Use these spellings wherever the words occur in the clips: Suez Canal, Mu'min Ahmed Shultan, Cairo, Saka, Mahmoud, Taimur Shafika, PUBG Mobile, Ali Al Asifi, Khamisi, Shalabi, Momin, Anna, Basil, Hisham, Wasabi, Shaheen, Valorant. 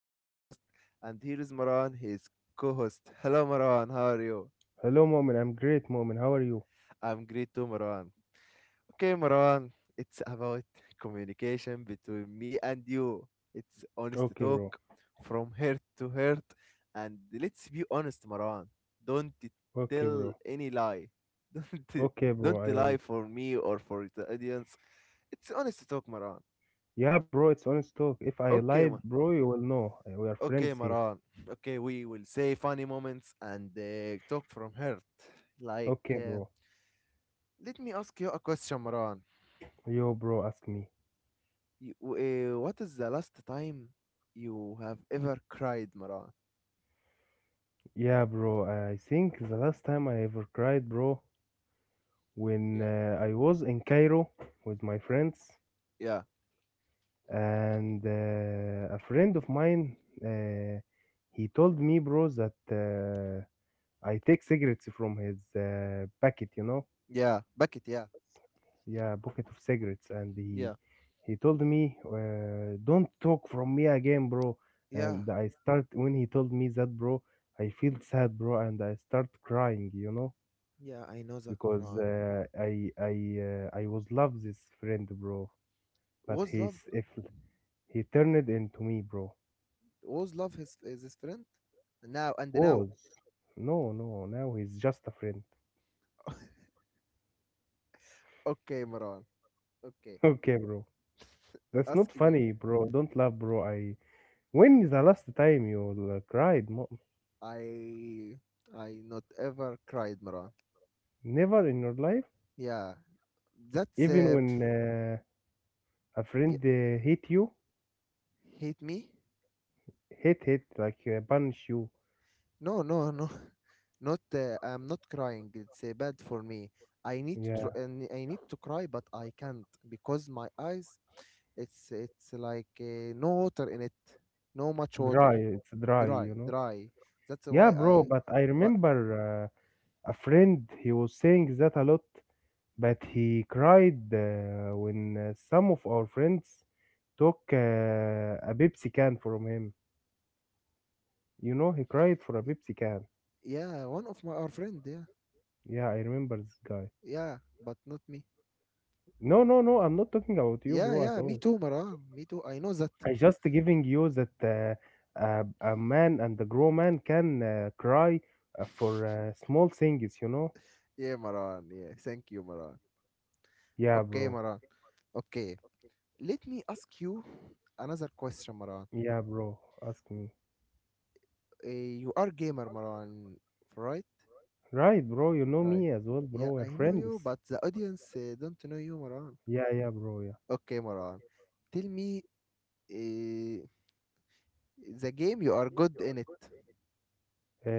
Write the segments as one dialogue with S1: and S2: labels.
S1: I am your host, and here is Marwan, his co host. Hello, Marwan, how are you?
S2: Hello, Momin. I'm great, Momin. How are you?
S1: I'm great too, Marwan. Okay, Marwan, it's about communication between me and you. It's honest
S2: Okay,
S1: talk
S2: bro.
S1: from heart to heart, and let's be honest, Marwan. Don't
S2: Okay,
S1: tell
S2: bro.
S1: any lie.
S2: Okay,
S1: Don't
S2: bro.
S1: lie
S2: I will.
S1: for me or for the audience. It's honest talk, Marwan.
S2: Yeah, bro. It's honest talk. If I
S1: Okay, Marwan.
S2: lied, bro, you will know. We are
S1: Okay,
S2: friends here.
S1: Maran. Okay, we will say funny moments and talk from heart. Like,
S2: Okay,
S1: uh,
S2: bro.
S1: Let me ask you a question, Maran.
S2: Yo, bro. Ask me.
S1: You, what is the last time you have ever cried, Maran?
S2: Yeah, bro. I think the last time I ever cried, bro, when
S1: Yeah.
S2: I was in Cairo with my friends,
S1: Yeah.
S2: and a friend of mine, uh, he told me, bro, that I take cigarettes from his packet.
S1: Yeah. Bucket, yeah.
S2: Yeah, pocket of cigarettes, and
S1: Yeah.
S2: he told me don't talk from me again, bro.
S1: Yeah.
S2: And I start when he told me that, bro, I feel sad, bro, and I start crying.
S1: Yeah, I know that,
S2: Because
S1: Maran.
S2: I was love this friend, bro, but
S1: Was
S2: he's,
S1: love,
S2: if he turned into me, bro,
S1: was love his is his friend? Now and now.
S2: was, no, no, now he's just a friend.
S1: Okay, Maran. Okay.
S2: Okay, bro, that's
S1: Ask
S2: not
S1: me.
S2: funny, bro, don't laugh, bro. I, when is the last time you cried?
S1: I I not ever cried, Maran.
S2: Never in your life,
S1: Yeah, that's
S2: even when a
S1: yeah,
S2: friend hate you,
S1: hate me?
S2: hate like punish you.
S1: No, no, no. Not. I'm not crying. It's bad for me. I need to.
S2: Yeah,
S1: And I need to cry, but I can't because my eyes. It's like no water in it. No much water.
S2: dry. It's dry,
S1: Dry,
S2: you know.
S1: dry. That's
S2: Yeah,
S1: why
S2: bro.
S1: I.
S2: But I
S1: But
S2: remember a friend. He was saying that a lot, but he cried when some of our friends took a Pepsi can from him. You know, he cried for a
S1: y-
S2: Pepsi can.
S1: yeah, one of my our friend. Yeah,
S2: Yeah, I remember this guy.
S1: yeah, but not me.
S2: No, no, no. I'm not talking about you,
S1: Yeah,
S2: bro, at
S1: yeah, me
S2: all.
S1: too, Maran. Me too. I know that.
S2: I just giving you that a man, and a grown man can cry for small things, you know?
S1: Yeah, Maran. Yeah, thank you, Maran.
S2: Yeah,
S1: Okay,
S2: bro.
S1: Maran. Okay. Let me ask you another question, Maran.
S2: Yeah, bro. Ask me.
S1: You are gamer, Maran, right?
S2: Right, bro. You know
S1: Right.
S2: me as well,
S1: Yeah,
S2: bro. We're
S1: I know you,
S2: friends.
S1: but the audience don't know you, Maran.
S2: Yeah, yeah, bro. Yeah.
S1: Okay, Maran. Tell me uh, the game you are good in it.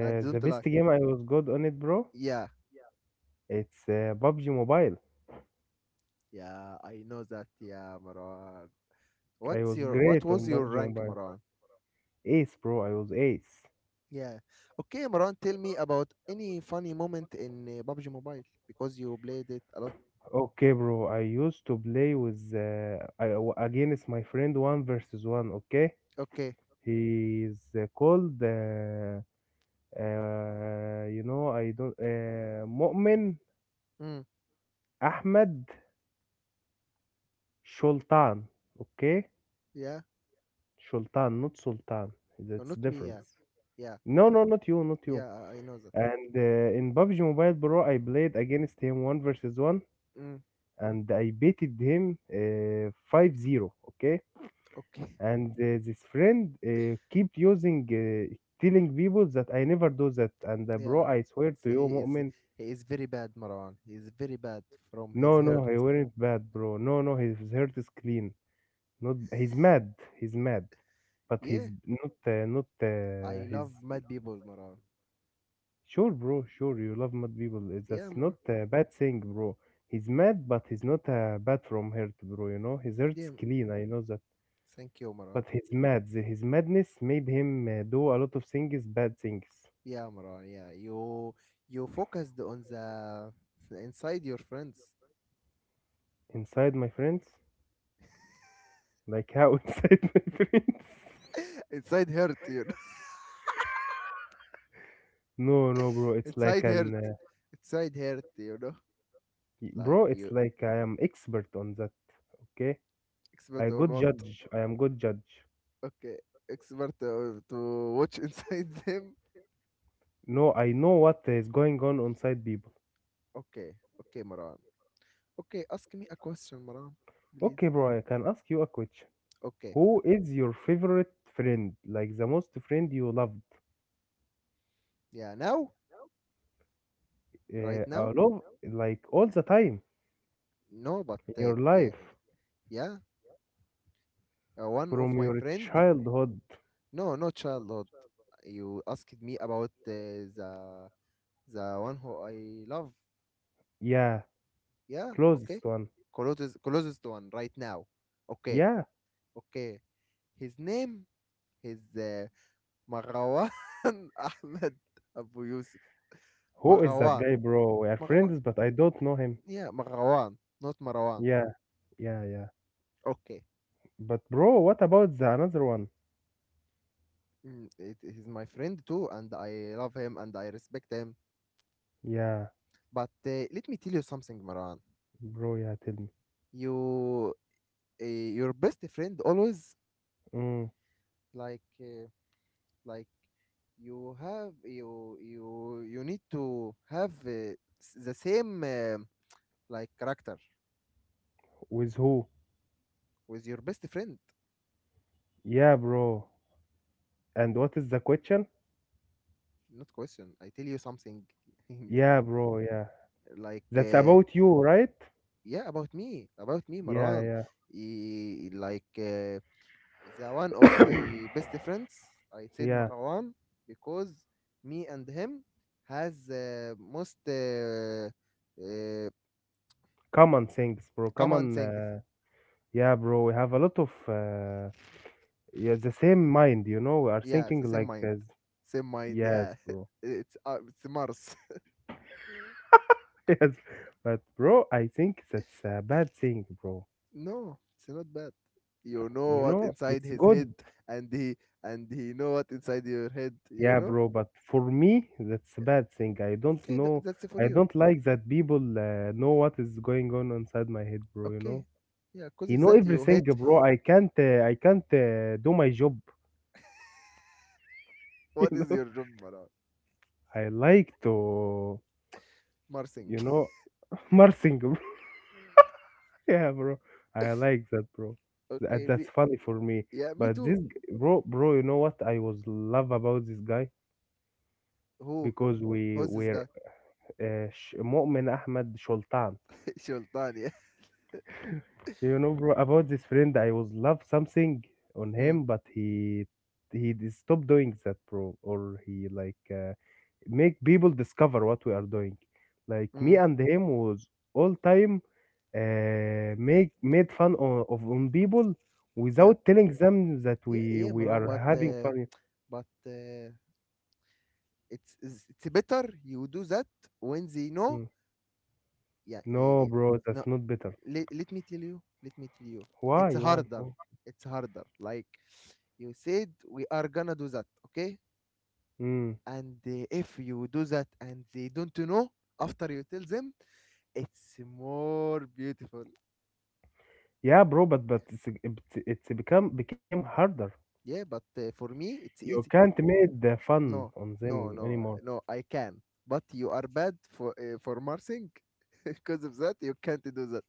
S1: I
S2: the
S1: don't
S2: best
S1: like.
S2: game I was good on it, bro.
S1: Yeah,
S2: It's PUBG Mobile.
S1: yeah, I know that. Yeah, Maran.
S2: I
S1: What's
S2: was
S1: your what
S2: great on
S1: was your
S2: PUBG
S1: rank,
S2: Mobile.
S1: Maran?
S2: Ace, bro. I was ace.
S1: Yeah. Okay, Maran, tell me about any funny moment in PUBG Mobile because you played it a lot.
S2: Okay, bro. I used to play with against my friend one versus one. Okay.
S1: Okay.
S2: He's called, I don't, Mu'min
S1: Mm.
S2: Ahmed Shultan. Okay?
S1: Yeah.
S2: Shultan, not Sultan. That's
S1: Not me. Yeah.
S2: difference.
S1: Yeah,
S2: No, no, not you, not you.
S1: yeah, I know that.
S2: And in PUBG Mobile, bro, I played against him 1 versus 1,
S1: Mm,
S2: and I beated him 5-0. Okay?
S1: okay.
S2: And this friend keep using, telling people that I never do that. And bro,
S1: Yeah,
S2: I swear
S1: it's
S2: to you,
S1: he is
S2: Mu'min.
S1: he is very bad, Maran. He is very bad from his
S2: No,
S1: hurt.
S2: no, he was not bad, bro. No, no, his heart is clean. Not he's mad. He's mad, but
S1: Yeah,
S2: he's not
S1: I
S2: he's
S1: love mad people, Maran.
S2: sure, bro. Sure, you love mad people. It's
S1: Yeah,
S2: that's not
S1: Maran.
S2: a bad thing, bro. He's mad, but he's not bad from hurt, bro. His
S1: Yeah,
S2: heart's clean. I know that,
S1: thank you, Maran.
S2: but he's mad. His madness made him do a lot of things, bad things.
S1: Yeah, Maran. Yeah, you focused on the inside your friends,
S2: Inside my friends, like how, inside my friends.
S1: inside hurt, you know,
S2: No, no, bro, it's like
S1: inside hurt,
S2: an,
S1: inside hurt, you know, like
S2: Bro, it's
S1: you
S2: like I am expert on that, okay?
S1: expert
S2: I
S1: on
S2: good
S1: what?
S2: judge. I am good judge.
S1: Okay, expert to watch inside them.
S2: No, I know what is going on inside people.
S1: Okay, okay, Maran. Okay, ask me a question, Maran, please.
S2: Okay, bro, I can ask you a question.
S1: Okay,
S2: Who is your favorite friend? Like the most friend you loved?
S1: yeah, now, right
S2: Uh, uh,
S1: now,
S2: love like all the time
S1: no, but
S2: in
S1: uh,
S2: your
S1: yeah,
S2: life
S1: yeah, one of
S2: from
S1: my
S2: your
S1: friend,
S2: childhood.
S1: no, no, childhood. You asked me about the one who I love.
S2: Yeah,
S1: Yeah, okay,
S2: closest one.
S1: closest one right now. Okay,
S2: Yeah.
S1: okay. His name is Marwan Ahmed Abu Yusuf.
S2: Who is that
S1: Marwan,
S2: guy, bro? We are
S1: Marwan,
S2: friends, but I don't know him.
S1: yeah, Marwan, not Marwan.
S2: Yeah, yeah, yeah.
S1: Okay.
S2: But bro, what about the another one?
S1: Mm, it, he's my friend too, and I love him and I respect him.
S2: Yeah.
S1: But let me tell you something, Maran.
S2: Bro, yeah, tell me.
S1: You, your best friend always
S2: Mm,
S1: like, uh, like you need to have the same like character
S2: with who?
S1: with your best friend.
S2: Yeah, bro. And what is the question?
S1: Not question. I tell you something,
S2: Yeah, bro, yeah.
S1: like
S2: That's about you, right?
S1: yeah, about me, Maran.
S2: Yeah,
S1: Like. The one of
S2: yeah.
S1: my best friends I said
S2: Yeah,
S1: Marwan because me and him has most uh,
S2: common things, bro.
S1: common
S2: Common,
S1: things,
S2: yeah, bro. We have a lot of, yeah, the same mind. We are
S1: yeah. It's the
S2: thinking
S1: same
S2: like,
S1: mind,
S2: as,
S1: same mind,
S2: yes,
S1: yeah.
S2: bro.
S1: It's mars.
S2: Yes, but bro, I think that's a bad thing, bro.
S1: No, it's not bad. You know
S2: You
S1: what
S2: know,
S1: inside
S2: it's
S1: his head,
S2: good.
S1: and he, and he know what inside your head, you
S2: Yeah,
S1: know.
S2: bro, but for me, that's a
S1: Yeah,
S2: bad thing. I don't
S1: okay,
S2: know.
S1: that's for
S2: I
S1: you.
S2: don't like that people know what is going on inside my head, bro, you know?
S1: Okay, yeah, because
S2: He
S1: of
S2: know
S1: that you
S2: everything,
S1: hate.
S2: bro. I can't do my job, you
S1: What is
S2: know?
S1: your job, Maran?
S2: I like to,
S1: Marsing.
S2: you know, Marsing, bro. Yeah, bro. I like that, bro. That,
S1: Okay, me.
S2: that's funny for me.
S1: Yeah, me
S2: But
S1: too.
S2: bro, you know what I was love about this guy,
S1: Who?
S2: because we
S1: Who's this
S2: were
S1: guy?
S2: Mu'min Ahmed Shultan.
S1: Sultan, yeah.
S2: You know, bro, about this friend, I was love something on
S1: Mm,
S2: him, but he stopped doing that, bro, or he like make people discover what we are doing. Like me
S1: mm,
S2: and him was all time make made fun of on people
S1: yeah.
S2: without telling them that
S1: Yeah,
S2: we
S1: yeah,
S2: we
S1: Maran,
S2: are
S1: but
S2: having
S1: uh,
S2: fun.
S1: but uh, it's better you do that when they know.
S2: Mm.
S1: Yeah, yeah,
S2: No,
S1: yeah.
S2: bro,
S1: No.
S2: that's not better.
S1: Let, let me tell you. Let me tell you.
S2: Why?
S1: It's
S2: Why?
S1: harder.
S2: Oh.
S1: It's harder. Like you said, we are gonna do that, okay?
S2: Mm.
S1: And if you do that and they don't know, after you tell them, it's more beautiful.
S2: Yeah, bro, but it's become became harder.
S1: Yeah, but for me, it's
S2: You
S1: easy.
S2: can't make the
S1: No,
S2: fun on
S1: no,
S2: them
S1: no,
S2: anymore.
S1: no, I can. But you are bad for marching. Because of that, you can't do that.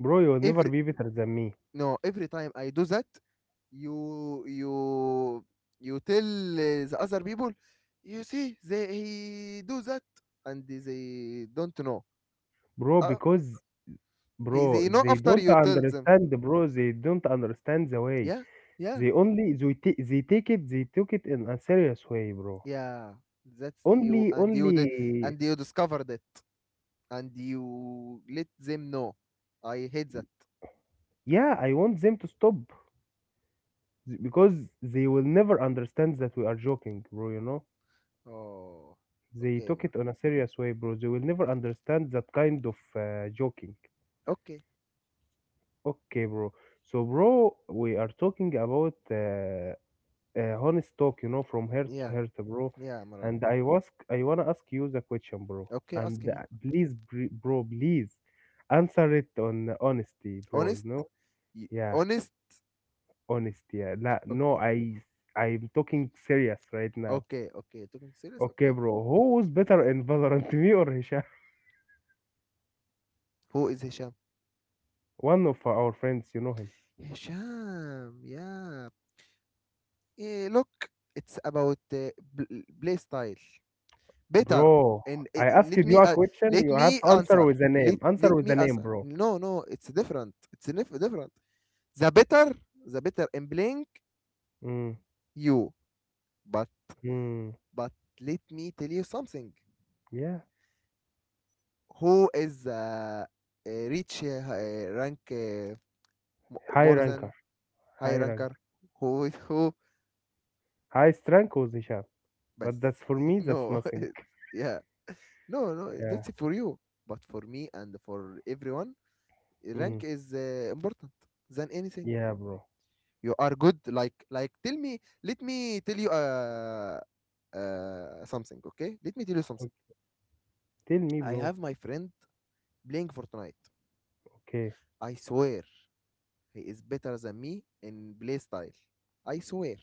S2: Bro, you'll never
S1: Every
S2: be better than me.
S1: no, every time I do that, you you you tell the other people, you see, they he do that, and they don't know.
S2: Bro,
S1: Uh,
S2: because
S1: he
S2: bro,
S1: they know
S2: they
S1: after
S2: don't
S1: you tell them.
S2: understand, bro, they don't understand the way.
S1: Yeah, yeah,
S2: They take it they took it in a serious way, bro.
S1: yeah. That's you,
S2: Only
S1: and you di-
S2: only
S1: and you discovered it, and you let them know. I hate that.
S2: yeah, I want them to stop because they will never understand that we are joking, bro, you know?
S1: Oh,
S2: They
S1: okay,
S2: took
S1: Amara.
S2: it on a serious way, bro. They will never understand that kind of joking.
S1: Okay,
S2: Okay, bro. So, bro, we are talking about honest talk, from heart to
S1: yeah,
S2: heart, bro.
S1: yeah, Amara.
S2: And I wanna ask you the question, bro.
S1: Okay, ask
S2: And
S1: me.
S2: please, bro, please answer it on honesty, bro.
S1: Honest?
S2: Yeah,
S1: Honest?
S2: honesty. Yeah. La, no,
S1: Okay,
S2: I'm talking serious right now.
S1: okay, okay. Talking serious?
S2: Okay,
S1: Okay.
S2: bro. Who is better in Valorant, me or Hisham?
S1: Who is Hisham?
S2: One of our friends, you know him,
S1: Hisham, yeah. Eh, look, it's about play style. Better.
S2: bro.
S1: And
S2: I asked you a question.
S1: let
S2: You
S1: me
S2: have to answer
S1: answer.
S2: with a name.
S1: Let
S2: Answer with
S1: me
S2: a name,
S1: answer.
S2: bro.
S1: No, no, it's different. It's different. The better, the better in playing
S2: Mm,
S1: you. But
S2: mm,
S1: but let me tell you something.
S2: yeah,
S1: Who is rank,
S2: high
S1: more than
S2: ranker.
S1: high
S2: high rank,
S1: ranker. Who is who?
S2: highest rank was Hisham,
S1: But
S2: but that's for me, that's
S1: no,
S2: nothing.
S1: yeah, no, no,
S2: Yeah,
S1: that's for you. But for me and for everyone, rank
S2: mm,
S1: is important than anything.
S2: yeah, bro.
S1: You are good like tell me, let me tell you something okay, let me tell you something.
S2: Okay. Tell me,
S1: I
S2: bro.
S1: have my friend playing Fortnite.
S2: Okay,
S1: I swear he is better than me in play style, I swear.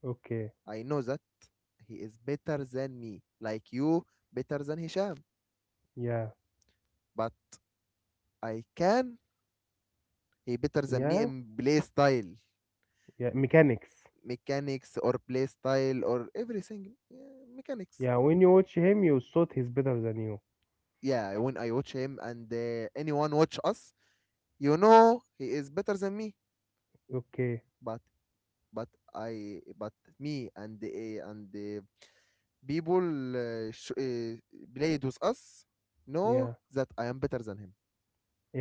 S2: okay,
S1: I know that he is better than me, like you better than Hisham.
S2: yeah,
S1: But I can he better than me
S2: yeah,
S1: in play style,
S2: yeah. Mechanics.
S1: mechanics or play style or everything. Yeah, mechanics.
S2: Yeah, when you watch him, you thought he's better than you.
S1: Yeah, when I watch him and anyone watch us, you know he is better than me.
S2: Okay,
S1: But but I but me and the people uh, sh- uh, played with us know
S2: yeah,
S1: that I am better than him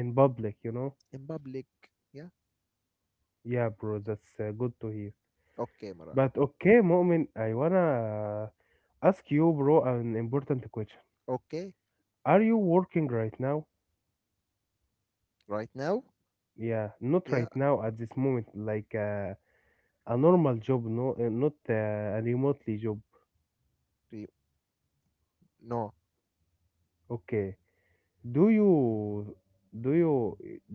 S2: in public.
S1: in public. Yeah.
S2: Yeah, bro, that's good to hear.
S1: Okay, Mara.
S2: But okay, Mu'min, I wanna ask you, bro, an important question.
S1: Okay,
S2: Are you working right now?
S1: right now?
S2: Yeah, not
S1: Yeah.
S2: right now at this moment, like a normal job, no, not a remotely job.
S1: do you- No,
S2: Okay. Do you do you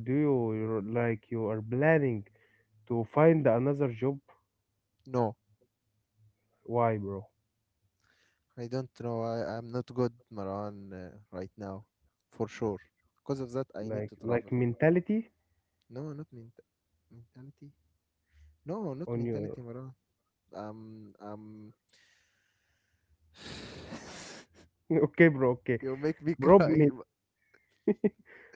S2: do you, like you are planning to find another job?
S1: no,
S2: Why, bro?
S1: I don't know. I'm not good, Maran, right now, for sure. Because of that, I need
S2: Like
S1: to
S2: like
S1: travel.
S2: mentality
S1: No, not ment mentality. No, not
S2: on your,
S1: mentality, Maran. Um, um,
S2: okay, bro. Okay,
S1: you make me
S2: bro.
S1: cry.
S2: Me.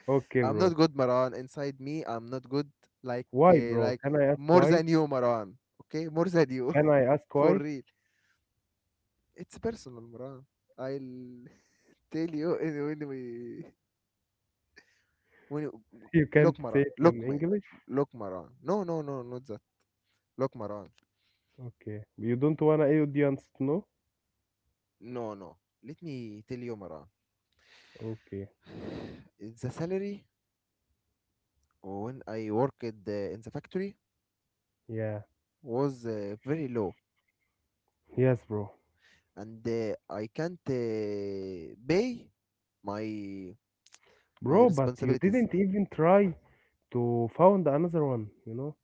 S2: Okay,
S1: I'm
S2: bro.
S1: not good, Maran. Inside me, I'm not good.
S2: Why, bro?
S1: Like
S2: Can I ask
S1: more
S2: why?
S1: than you, Maran. Okay, more than you,
S2: Can I ask
S1: for
S2: why?
S1: real. It's personal, Maran. I'll tell you and when we when you,
S2: You can't
S1: Look
S2: say
S1: Maran,
S2: it in
S1: look me,
S2: English?
S1: Lokme, Lokmaran. No, no, no, not that. Lokmaran.
S2: Okay. You don't wanna audience to know?
S1: No, no. Let me tell you, Maran.
S2: Okay.
S1: The salary when I worked in the factory
S2: Yeah.
S1: was very low,
S2: Yes, bro.
S1: and I can't pay my my
S2: Bro, but you
S1: responsibilities.
S2: didn't even try to found another one, you know?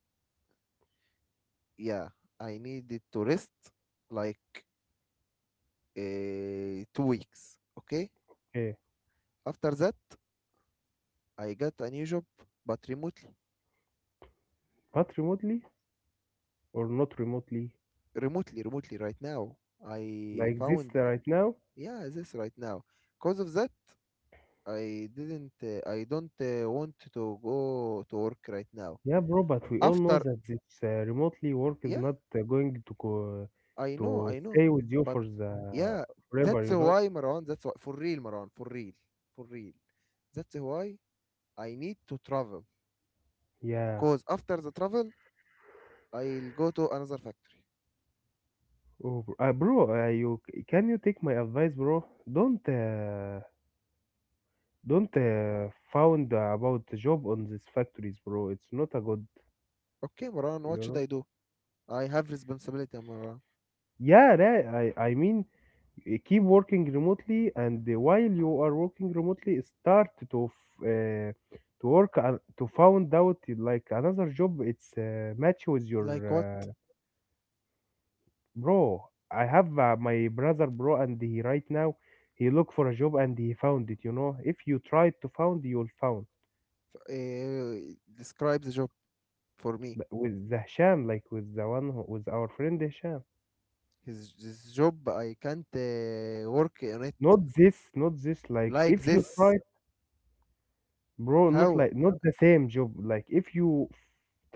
S1: Yeah, I needed to rest like 2 weeks. Okay.
S2: Yeah,
S1: After that, I got a new job, but remotely.
S2: but remotely or not remotely,
S1: Remotely, remotely right now. I
S2: like this
S1: found
S2: right now.
S1: Yeah, this right now. Cause of that, I didn't. I don't want to go to work right now.
S2: Yeah, bro, but we all know
S1: After
S2: that this remotely work is
S1: Yeah,
S2: not going to go, to
S1: I know,
S2: stay with you
S1: but
S2: for the
S1: yeah,
S2: forever,
S1: that's
S2: you know?
S1: why Maran. That's why for real, Maran. For real, for real. That's why I need to travel.
S2: Yeah.
S1: Cause after the travel, I'll go to another factory.
S2: Oh, bro, you take my advice, bro? Don't found about the job on these factories, bro. It's not a good,
S1: Okay, Maran.
S2: you
S1: What should I
S2: know?
S1: do? I have responsibility, Maran.
S2: Yeah, right. I mean, keep working remotely, and while you are working remotely, start to to work on, to found out like another job it's match with your
S1: Like what?
S2: uh, bro, I have my brother, bro, and he right now he look for a job and he found it, if you try to found, you'll found.
S1: Describe the job for me.
S2: But with the Hisham, like with the one with our friend Hisham,
S1: His this job I can't work on it
S2: not this, like
S1: like
S2: if you try.
S1: this.
S2: Bro, not
S1: How
S2: like not the same job. Like if you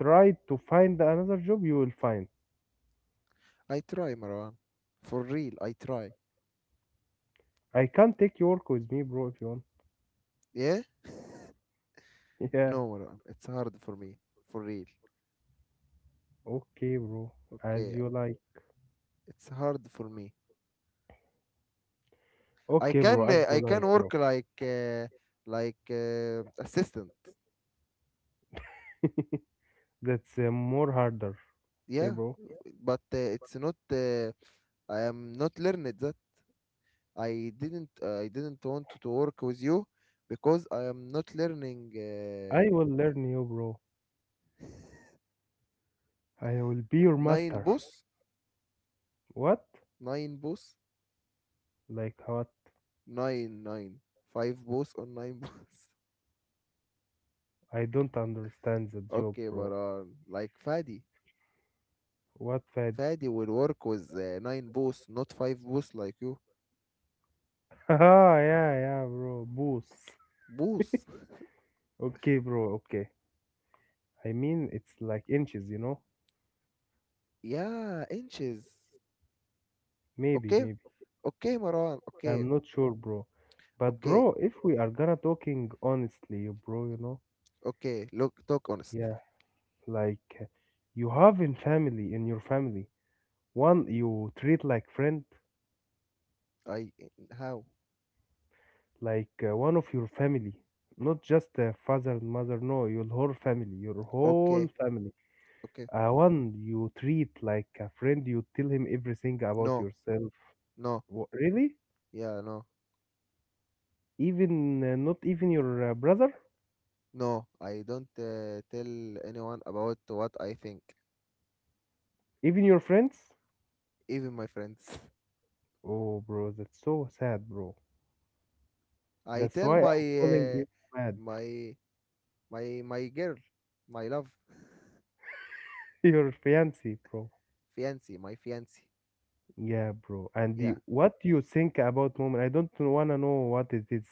S2: try to find another job, you will find.
S1: I try, Marwan. For real, I try.
S2: I can't take you work with me, bro, if you want.
S1: Yeah?
S2: Yeah,
S1: No, Marwan. It's hard for me. For real.
S2: okay, bro. As
S1: Okay,
S2: you like.
S1: it's hard for me.
S2: Okay, bro, as you
S1: I can
S2: like, bro.
S1: work like assistant.
S2: That's more harder. Okay,
S1: Yeah,
S2: bro.
S1: but it's not. I am not learned that. I didn't. I didn't want to work with you because I am not learning
S2: I will learn you, bro. I will be your
S1: nine
S2: master.
S1: boss.
S2: What?
S1: nine boss
S2: Like what?
S1: Nine, nine, Five nine. Five boss on nine boss.
S2: I don't understand the joke,
S1: Okay,
S2: bro.
S1: Baran. Like Fadi.
S2: What, Fadi?
S1: Fadi will work with nine boss, not five boss like you.
S2: Haha, yeah, yeah, bro. Boost.
S1: Boss.
S2: Okay, bro, okay. I mean, it's like inches, you know?
S1: Yeah, inches.
S2: Maybe,
S1: Okay,
S2: maybe.
S1: okay, Maran. Okay,
S2: I'm not sure, bro. But
S1: okay,
S2: bro, if we are gonna talking honestly, bro,
S1: okay. Look, talk honest.
S2: yeah, like you have in your family one you treat like friend,
S1: I How?
S2: like one of your family, not just father and mother. No, your whole family, your whole
S1: Okay,
S2: family.
S1: okay.
S2: One you treat like a friend. You tell him everything about
S1: No,
S2: yourself.
S1: no.
S2: Wha really?
S1: Yeah, no,
S2: Even not even your brother,
S1: no. I don't tell anyone about what I think,
S2: even your friends.
S1: even my friends.
S2: Oh, bro, that's so sad, bro.
S1: I
S2: That's
S1: tell
S2: why I'm calling you mad.
S1: my my girl, my love,
S2: Your fiancé, bro.
S1: fiancé, my fiancé.
S2: Yeah, bro. And
S1: Yeah,
S2: what do you think about moment? I don't wanna know what it is,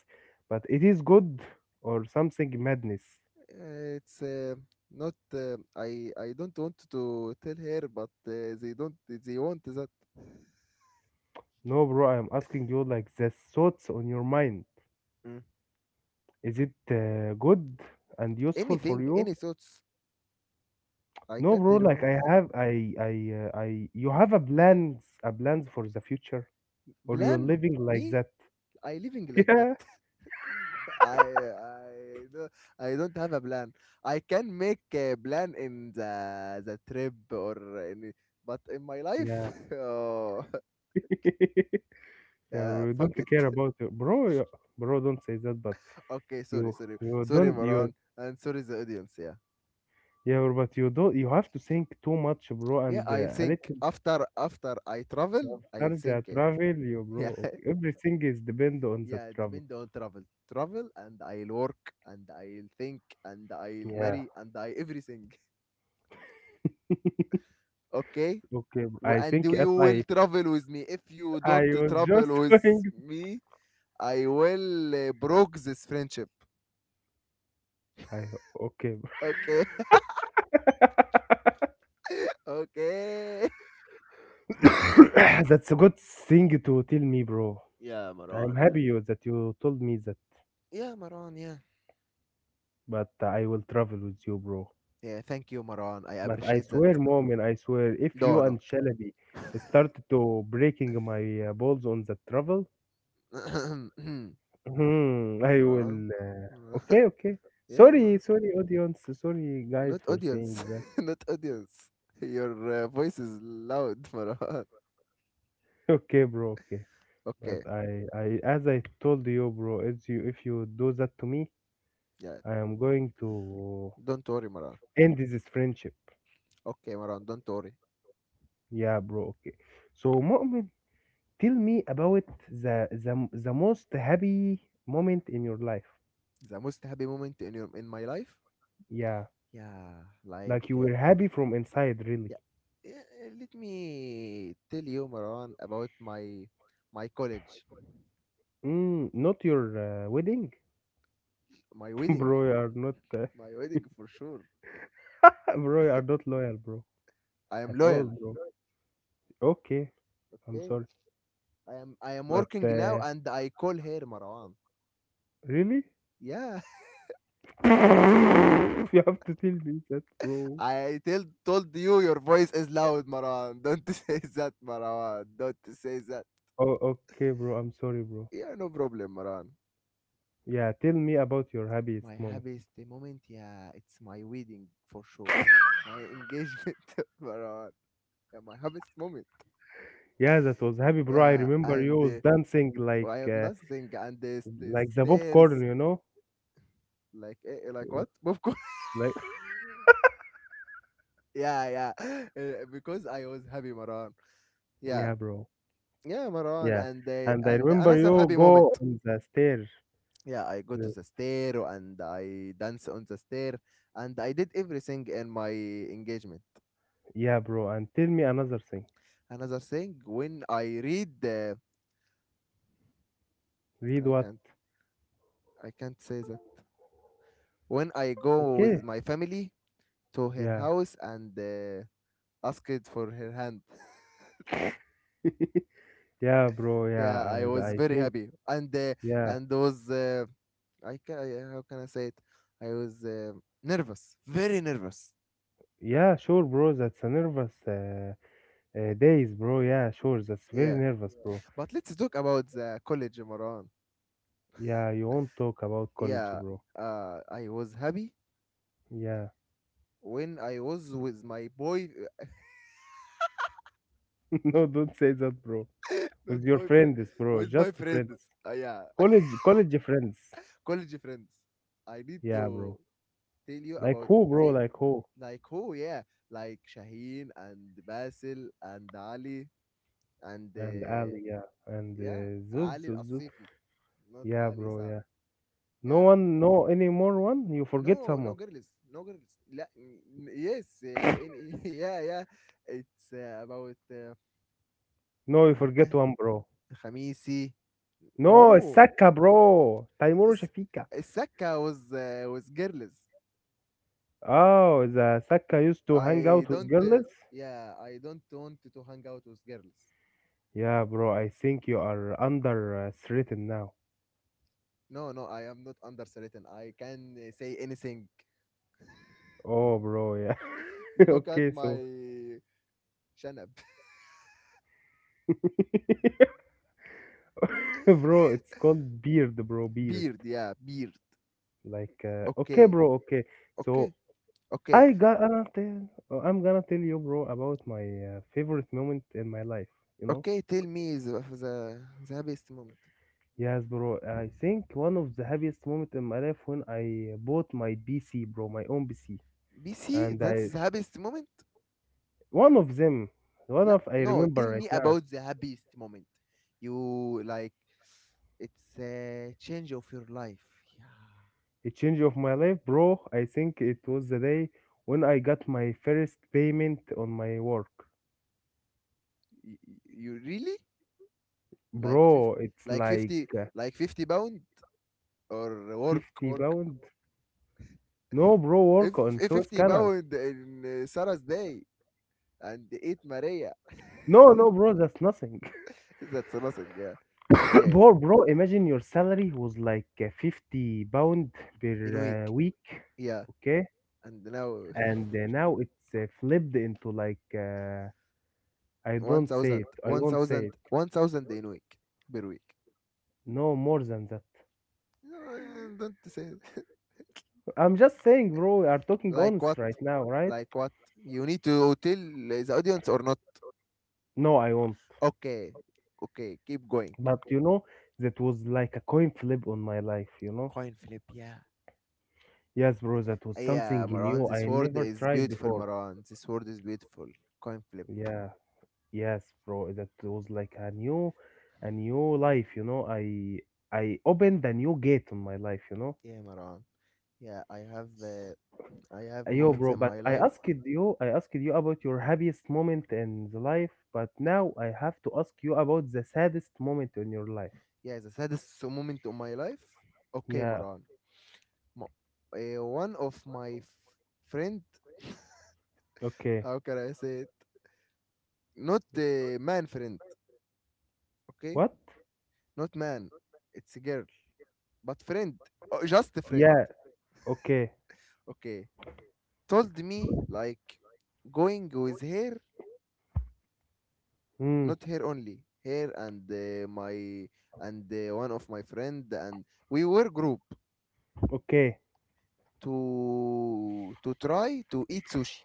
S2: but it is good or something madness.
S1: it's not. I don't want to tell her, but they don't. They want that.
S2: No, bro. I'm asking you like the thoughts on your mind.
S1: Mm.
S2: Is it good and useful for
S1: Anything,
S2: you?
S1: any thoughts. I
S2: No,
S1: can't
S2: bro. Like
S1: remember.
S2: I have, I. You have a plans for the future, or you're
S1: Plan
S2: living like
S1: me.
S2: that?
S1: I living like that. I I don't, I don't have a plan. I can make a plan in the trip or any, but in my
S2: Yeah.
S1: life, oh
S2: Yeah. Yeah,
S1: yeah,
S2: we don't
S1: fuck it.
S2: care about you, bro. Bro, don't say that. But
S1: Okay, sorry,
S2: you,
S1: sorry,
S2: you
S1: sorry,
S2: don't, you,
S1: Moran, and sorry the audience. Yeah,
S2: yeah, bro, but you don't. You have to think too much, bro.
S1: yeah.
S2: And
S1: I'll
S2: a
S1: think
S2: little
S1: after I travel,
S2: after
S1: I'll
S2: the
S1: think. Eh,
S2: travel, you, bro.
S1: yeah,
S2: Okay. Everything is depend on the
S1: yeah.
S2: travel.
S1: Depend on travel, travel, and I'll work, and I'll think, and I'll
S2: Yeah.
S1: marry, and I everything. Okay,
S2: Okay, bro. I
S1: And
S2: think if
S1: you will
S2: I,
S1: travel with me. If you
S2: I
S1: don't
S2: was just
S1: travel with
S2: going.
S1: me, I will broke this friendship.
S2: I okay,
S1: Okay, okay.
S2: bro. That's a good thing to tell me, bro.
S1: Yeah,
S2: I'm
S1: Maran. Yeah,
S2: happy you that you told me that.
S1: yeah, Maran. Yeah,
S2: But I will travel with you, bro.
S1: yeah. Thank you, Maran. I
S2: But I
S1: appreciate that.
S2: swear, Mo'min, I swear, if you
S1: No,
S2: and
S1: no.
S2: Shalabi started to breaking my balls on the travel, mhm, I
S1: Mara,
S2: will.
S1: Mara.
S2: Okay, okay.
S1: Yeah,
S2: Sorry,
S1: Mara.
S2: sorry, audience. Sorry, guys,
S1: Not
S2: for saying
S1: audience.
S2: that.
S1: Not audience. Your voice is loud, Maran.
S2: Okay, bro. Okay, but
S1: Okay,
S2: as I told you, bro, as you, if you do that to me,
S1: yeah.
S2: I am going to
S1: Don't worry, Maran.
S2: end this friendship.
S1: Okay, Maran, don't worry.
S2: Yeah, bro. Okay. So, Mo'min, tell me about the most happy moment in your life.
S1: The most happy moment in your in my life?
S2: Yeah.
S1: Yeah, like
S2: Like you were happy from inside, really.
S1: yeah. Yeah, Let me tell you, Maran, about my college,
S2: Mm, not your wedding,
S1: my wedding,
S2: bro. You are not,
S1: my wedding for sure.
S2: bro. You are not loyal, bro,
S1: I am
S2: at all,
S1: loyal.
S2: bro. Okay, I'm
S1: Okay,
S2: sorry,
S1: I am
S2: but
S1: working now, and I call her Maran.
S2: really,
S1: Yeah.
S2: you have to tell me that, bro.
S1: I told you your voice is loud, Maran. Don't say that, Maran. Don't say that.
S2: Oh, okay, bro. I'm sorry, bro.
S1: Yeah, no problem, Maran.
S2: Yeah, tell me about your
S1: My
S2: happiest moment.
S1: happiest moment, yeah, it's my wedding for sure. My engagement, Maran. Yeah, my happiest moment.
S2: Yeah, that was happy, bro. I
S1: Yeah,
S2: remember you
S1: and
S2: was dancing
S1: oh, I have nothing, and the st-
S2: like the popcorn,
S1: stairs,
S2: you know,
S1: like what? Popcorn.
S2: like
S1: yeah, yeah, because I was happy, Maran. Yeah,
S2: yeah, bro.
S1: yeah, Maran,
S2: Yeah,
S1: and uh,
S2: and I
S1: and
S2: remember
S1: another
S2: you
S1: happy moment.
S2: go on the stairs.
S1: Yeah, I go to
S2: Yes.
S1: the stair, and I dance on the stair, and I did everything in my engagement.
S2: Yeah, bro. And tell me another thing.
S1: Another thing, when I read,
S2: Read
S1: i
S2: what?
S1: can't I can't say that, when I go
S2: Okay.
S1: with my family to her
S2: Yeah.
S1: house and asked for her hand.
S2: Yeah, bro.
S1: Yeah, I
S2: Yeah. I,
S1: was
S2: I
S1: very
S2: think.
S1: happy, and uh,
S2: Yeah.
S1: and was how can I say it? I was nervous, very nervous,
S2: Yeah, sure, bro. That's a nervous days, bro. Yeah, sure. That's very
S1: yeah.
S2: nervous, bro.
S1: But let's talk about the college, Maran.
S2: Yeah, you won't talk about college,
S1: Yeah,
S2: bro.
S1: I was happy
S2: Yeah.
S1: when I was with my boy,
S2: No, don't say that, bro.
S1: not
S2: With your
S1: boyfriend,
S2: friends, bro.
S1: with my
S2: Just
S1: friends.
S2: friends.
S1: Yeah,
S2: College friends.
S1: college friends. I need
S2: Yeah,
S1: to
S2: bro.
S1: tell you
S2: Like
S1: about
S2: who, bro?
S1: the
S2: Like who?
S1: like who? Yeah, like Shaheen and Basil and Ali and
S2: And Ali, yeah. And
S1: yeah,
S2: Zuz,
S1: Ali
S2: Zuz,
S1: Al
S2: Zuz.
S1: Asifi, not
S2: Yeah,
S1: Ali
S2: bro.
S1: Saad.
S2: Yeah. No
S1: Yeah,
S2: one, no any more one. You forget
S1: no,
S2: someone.
S1: no girls, no girls. Yes, yeah, yeah. It's about
S2: No, you
S1: I
S2: forget
S1: can
S2: one, bro.
S1: Khamisi.
S2: No, it's
S1: Oh,
S2: Saka, bro. Taimur
S1: S-
S2: Shafika.
S1: Saka was with girls.
S2: Oh, the Saka used to hang
S1: I
S2: out with
S1: don't.
S2: girls.
S1: Yeah, I don't want to hang out with girls.
S2: Yeah, bro. I think you are under threatened now.
S1: No, no, I am not under certain. I can say anything.
S2: Oh, bro. Yeah.
S1: Look at
S2: okay, so,
S1: my shanab.
S2: bro, it's called beard, bro. Beard.
S1: Beard. Yeah, beard.
S2: Like, okay,
S1: Okay,
S2: bro. Okay.
S1: okay,
S2: So
S1: okay,
S2: I got. I'm gonna tell you, bro, about my favorite moment in my life. You know.
S1: okay. Tell me the happiest moment.
S2: Yes, bro. I think one of the happiest moment in my life when I bought my PC, bro, my own PC,
S1: BC,
S2: and
S1: that's
S2: I
S1: the happiest moment.
S2: one of them, one
S1: La,
S2: of I
S1: no,
S2: remember
S1: tell me
S2: right now,
S1: about the happiest moment. You like it's a change of your life. Yeah.
S2: a change of my life, bro. I think it was the day when I got my first payment on my work,
S1: You, you really like 50,
S2: bro. It's
S1: like
S2: like
S1: 50 like 50 pound or work
S2: fifty
S1: work
S2: pound. No, bro,
S1: if,
S2: work on
S1: if
S2: Suez
S1: 50
S2: Canal.
S1: pound in Sarah's day and eat Maria.
S2: No, no, bro, that's nothing.
S1: That's nothing. Yeah. Okay.
S2: bro, bro, imagine your salary was like 50 pounds
S1: In
S2: per
S1: week.
S2: week.
S1: Yeah.
S2: Okay,
S1: And now
S2: and now it's flipped into like I
S1: one
S2: don't say
S1: thousand,
S2: it. I
S1: one
S2: won't say
S1: thousand,
S2: it.
S1: one thousand in week per week.
S2: No more than that.
S1: No, don't say.
S2: I'm just saying, bro, we are talking
S1: Like what?
S2: honest right now, right?
S1: Like what? You need to tell the audience or not?
S2: No, I won't.
S1: Okay, okay, keep going.
S2: But you know, that was like a coin flip on my life, you know?
S1: Coin flip, yeah.
S2: Yes, bro, that was something
S1: Yeah, Marwan,
S2: new
S1: this
S2: I
S1: word
S2: never
S1: is
S2: tried
S1: beautiful,
S2: before.
S1: Marwan. This word is beautiful. Coin flip.
S2: Yeah, yes, bro, that was like a new life, you know? I opened a new gate on my life, you
S1: Yeah, Marwan. Yeah, I have
S2: know?
S1: uh, I have
S2: Yo,
S1: moments
S2: bro,
S1: in my
S2: but
S1: life.
S2: I asked you about your happiest moment in the life, but now I have to ask you about the saddest moment in your life.
S1: Yeah, the saddest moment of my life. Okay,
S2: Yeah,
S1: Marwan. Mo- one of my friend,
S2: okay.
S1: how can I say it? Not a man friend, okay?
S2: What?
S1: Not man, it's a girl, but friend, oh, just a friend,
S2: Yeah, okay.
S1: okay, told me like going with her,
S2: Hmm,
S1: not her only, her and my and one of my friend, and we were group
S2: okay.
S1: to try to eat sushi.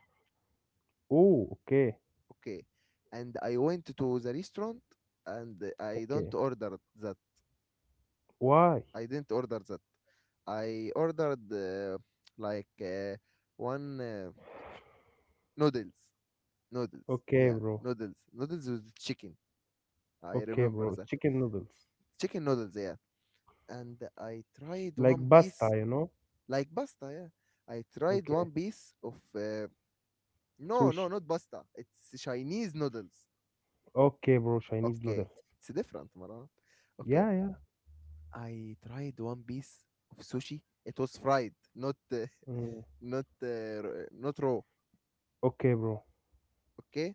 S2: Oh, okay,
S1: Okay, and I went to the restaurant, and I don't
S2: okay.
S1: order that,
S2: Why?
S1: I didn't order that. I ordered like one noodles noodles.
S2: Okay,
S1: Yeah,
S2: bro.
S1: noodles. Noodles with chicken. I
S2: Okay,
S1: remember
S2: bro.
S1: that.
S2: Chicken noodles.
S1: Chicken noodles, yeah. And I tried
S2: Like
S1: one
S2: pasta,
S1: piece,
S2: you know?
S1: like pasta, yeah. I tried
S2: Okay.
S1: one piece of, no, no,
S2: Sushi.
S1: not pasta. It's Chinese noodles.
S2: Okay, bro. Chinese
S1: Okay.
S2: noodles.
S1: It's different, Maran. Okay.
S2: Yeah, yeah.
S1: I tried one piece of sushi. It was fried, not,
S2: Mm.
S1: not, not raw.
S2: Okay, bro.
S1: Okay.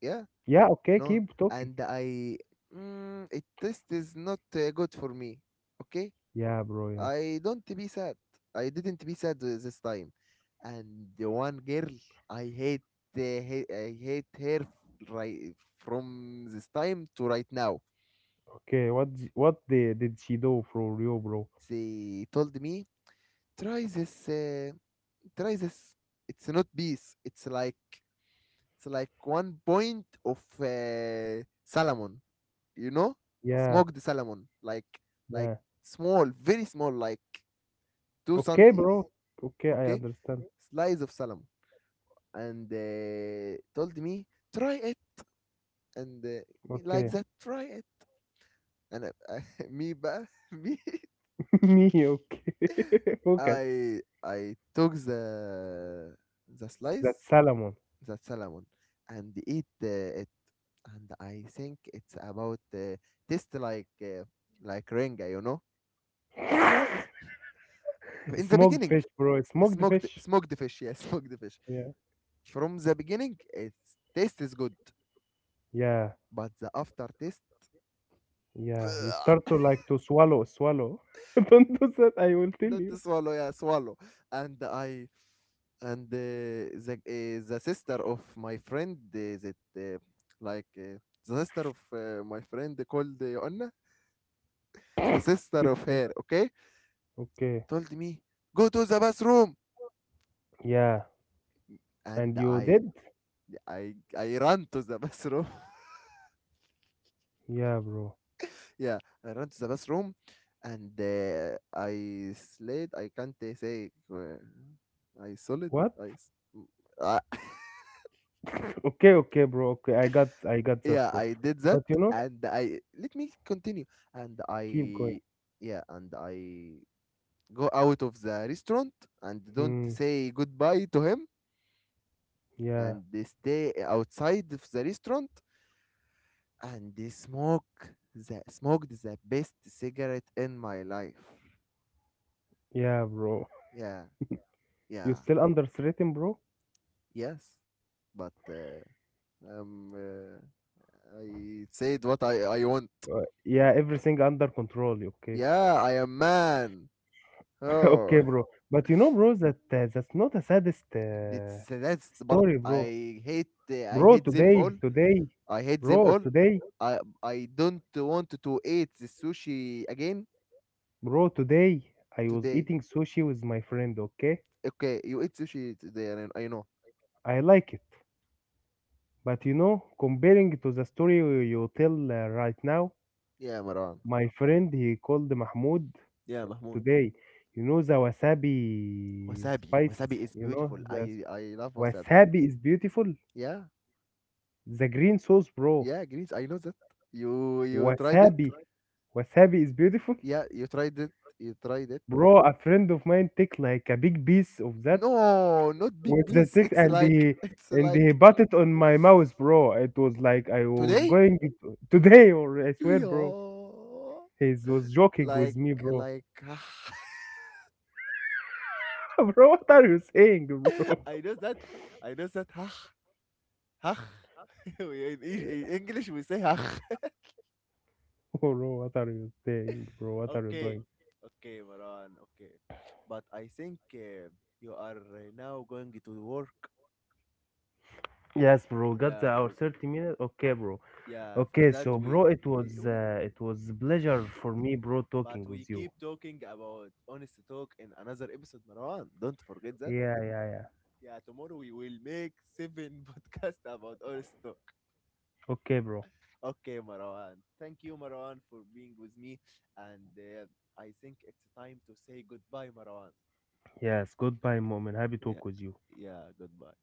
S1: Yeah.
S2: Yeah, okay.
S1: No.
S2: Keep talking.
S1: And I, it taste is not good for me. Okay,
S2: Yeah, bro. Yeah.
S1: I don't be sad. I didn't be sad this time. And the one girl, I hate, I hate her right from this time to right now.
S2: Okay, what d- what the, did she do for you, bro?
S1: She told me try this, try this. It's not bees. It's like one point of salmon. You know,
S2: Yeah,
S1: smoked salmon, like
S2: yeah.
S1: small, very small, like two
S2: Okay,
S1: centi.
S2: bro. Okay, I
S1: Okay,
S2: understand.
S1: slice of salmon, and told me try it, and like
S2: Okay.
S1: that try it, and I, me بقى me
S2: Me, okay. Focus.
S1: I took the
S2: That
S1: slice,
S2: salmon.
S1: the salmon, and eat it, and I think it's about taste like renga, in the
S2: Smoked
S1: beginning.
S2: fish, bro. Smoked
S1: smoked
S2: fish.
S1: smoked fish, yeah. Smoked fish.
S2: Yeah.
S1: From the beginning, its taste is good,
S2: Yeah.
S1: but the aftertaste,
S2: Yeah. You start to like to swallow, swallow. Don't do that, I will tell
S1: not to
S2: you.
S1: swallow, yeah, swallow. And I, and the the sister of my friend, that like the sister of my friend called Anna, the sister of
S2: Okay.
S1: her, okay,
S2: Okay.
S1: told me go to the bathroom.
S2: Yeah.
S1: And
S2: And you
S1: I
S2: did?
S1: I I ran to the bathroom.
S2: Yeah, bro.
S1: Yeah, I ran to the bathroom, and I slid, I can't say, I solid,
S2: What?
S1: I s- I.
S2: Okay, okay, bro. Okay, I got that,
S1: Yeah,
S2: bro.
S1: I did that.
S2: But you know,
S1: And I, let me continue, and
S2: keep
S1: I,
S2: going.
S1: yeah, and I go out of the restaurant and don't
S2: Hmm.
S1: say goodbye to him,
S2: Yeah,
S1: and they stay outside of the restaurant, and they smoke, the best cigarette in my life.
S2: yeah, bro.
S1: Yeah,
S2: You
S1: yeah,
S2: still under understating, bro?
S1: yes, but um uh, I said what I want.
S2: Yeah, everything under control. Okay,
S1: Yeah, I am man. Oh.
S2: okay, bro. But you know, bro, that that's not the saddest
S1: That's that's the part
S2: story, bro.
S1: I hate I
S2: Bro,
S1: hate them all.
S2: today, today,
S1: I hate them
S2: bro,
S1: all.
S2: today,
S1: I don't want to eat the sushi again
S2: bro, today, I was
S1: today.
S2: eating sushi with my friend. Okay,
S1: Okay, you eat sushi today. I know.
S2: I like it. But you know, comparing to the story you tell right now,
S1: Yeah, Marwan.
S2: my friend he called Mahmoud
S1: Yeah, Mahmoud.
S2: today. You know the wasabi
S1: Wasabi.
S2: spice.
S1: Wasabi is
S2: You know
S1: beautiful.
S2: the
S1: I love wasabi.
S2: Wasabi is beautiful.
S1: Yeah,
S2: The green sauce, bro.
S1: yeah, Greece. I know that. You tried it.
S2: Wasabi. Wasabi is beautiful.
S1: Yeah, you tried it. You tried it.
S2: Bro, a friend of mine take like a big piece of that
S1: No, not big
S2: with the
S1: piece.
S2: stick
S1: It's
S2: and
S1: like it's
S2: he
S1: like
S2: put it on my mouth, bro. It was like I was
S1: today.
S2: going today or I swear, bro.
S1: Yeah.
S2: He was joking with
S1: Like
S2: me, bro.
S1: like
S2: Bro, what are you saying, bro?
S1: I know that I know that hach, hach. In English we say hach.
S2: Bro, what are you saying, bro? What are you
S1: Okay.
S2: doing?
S1: Okay, Maran. Okay. But I think you are now going to work.
S2: Yes, bro. Got the,
S1: Yeah,
S2: our
S1: for
S2: 30 minutes. Okay, bro.
S1: yeah, for
S2: Okay,
S1: that
S2: so
S1: we
S2: bro,
S1: wait.
S2: it was a pleasure for me, bro,
S1: But
S2: talking
S1: we
S2: with you.
S1: keep talking about honest talk in another episode, Maran. Don't forget that.
S2: Yeah, yeah, yeah.
S1: Yeah, tomorrow we will make seven podcast about honest talk.
S2: Okay, bro.
S1: Okay, Marwan. Thank you, Marwan, for being with me. And I think it's time to say goodbye, Marwan.
S2: Yes, goodbye, mom, and happy
S1: Yeah,
S2: talk with you.
S1: yeah, goodbye.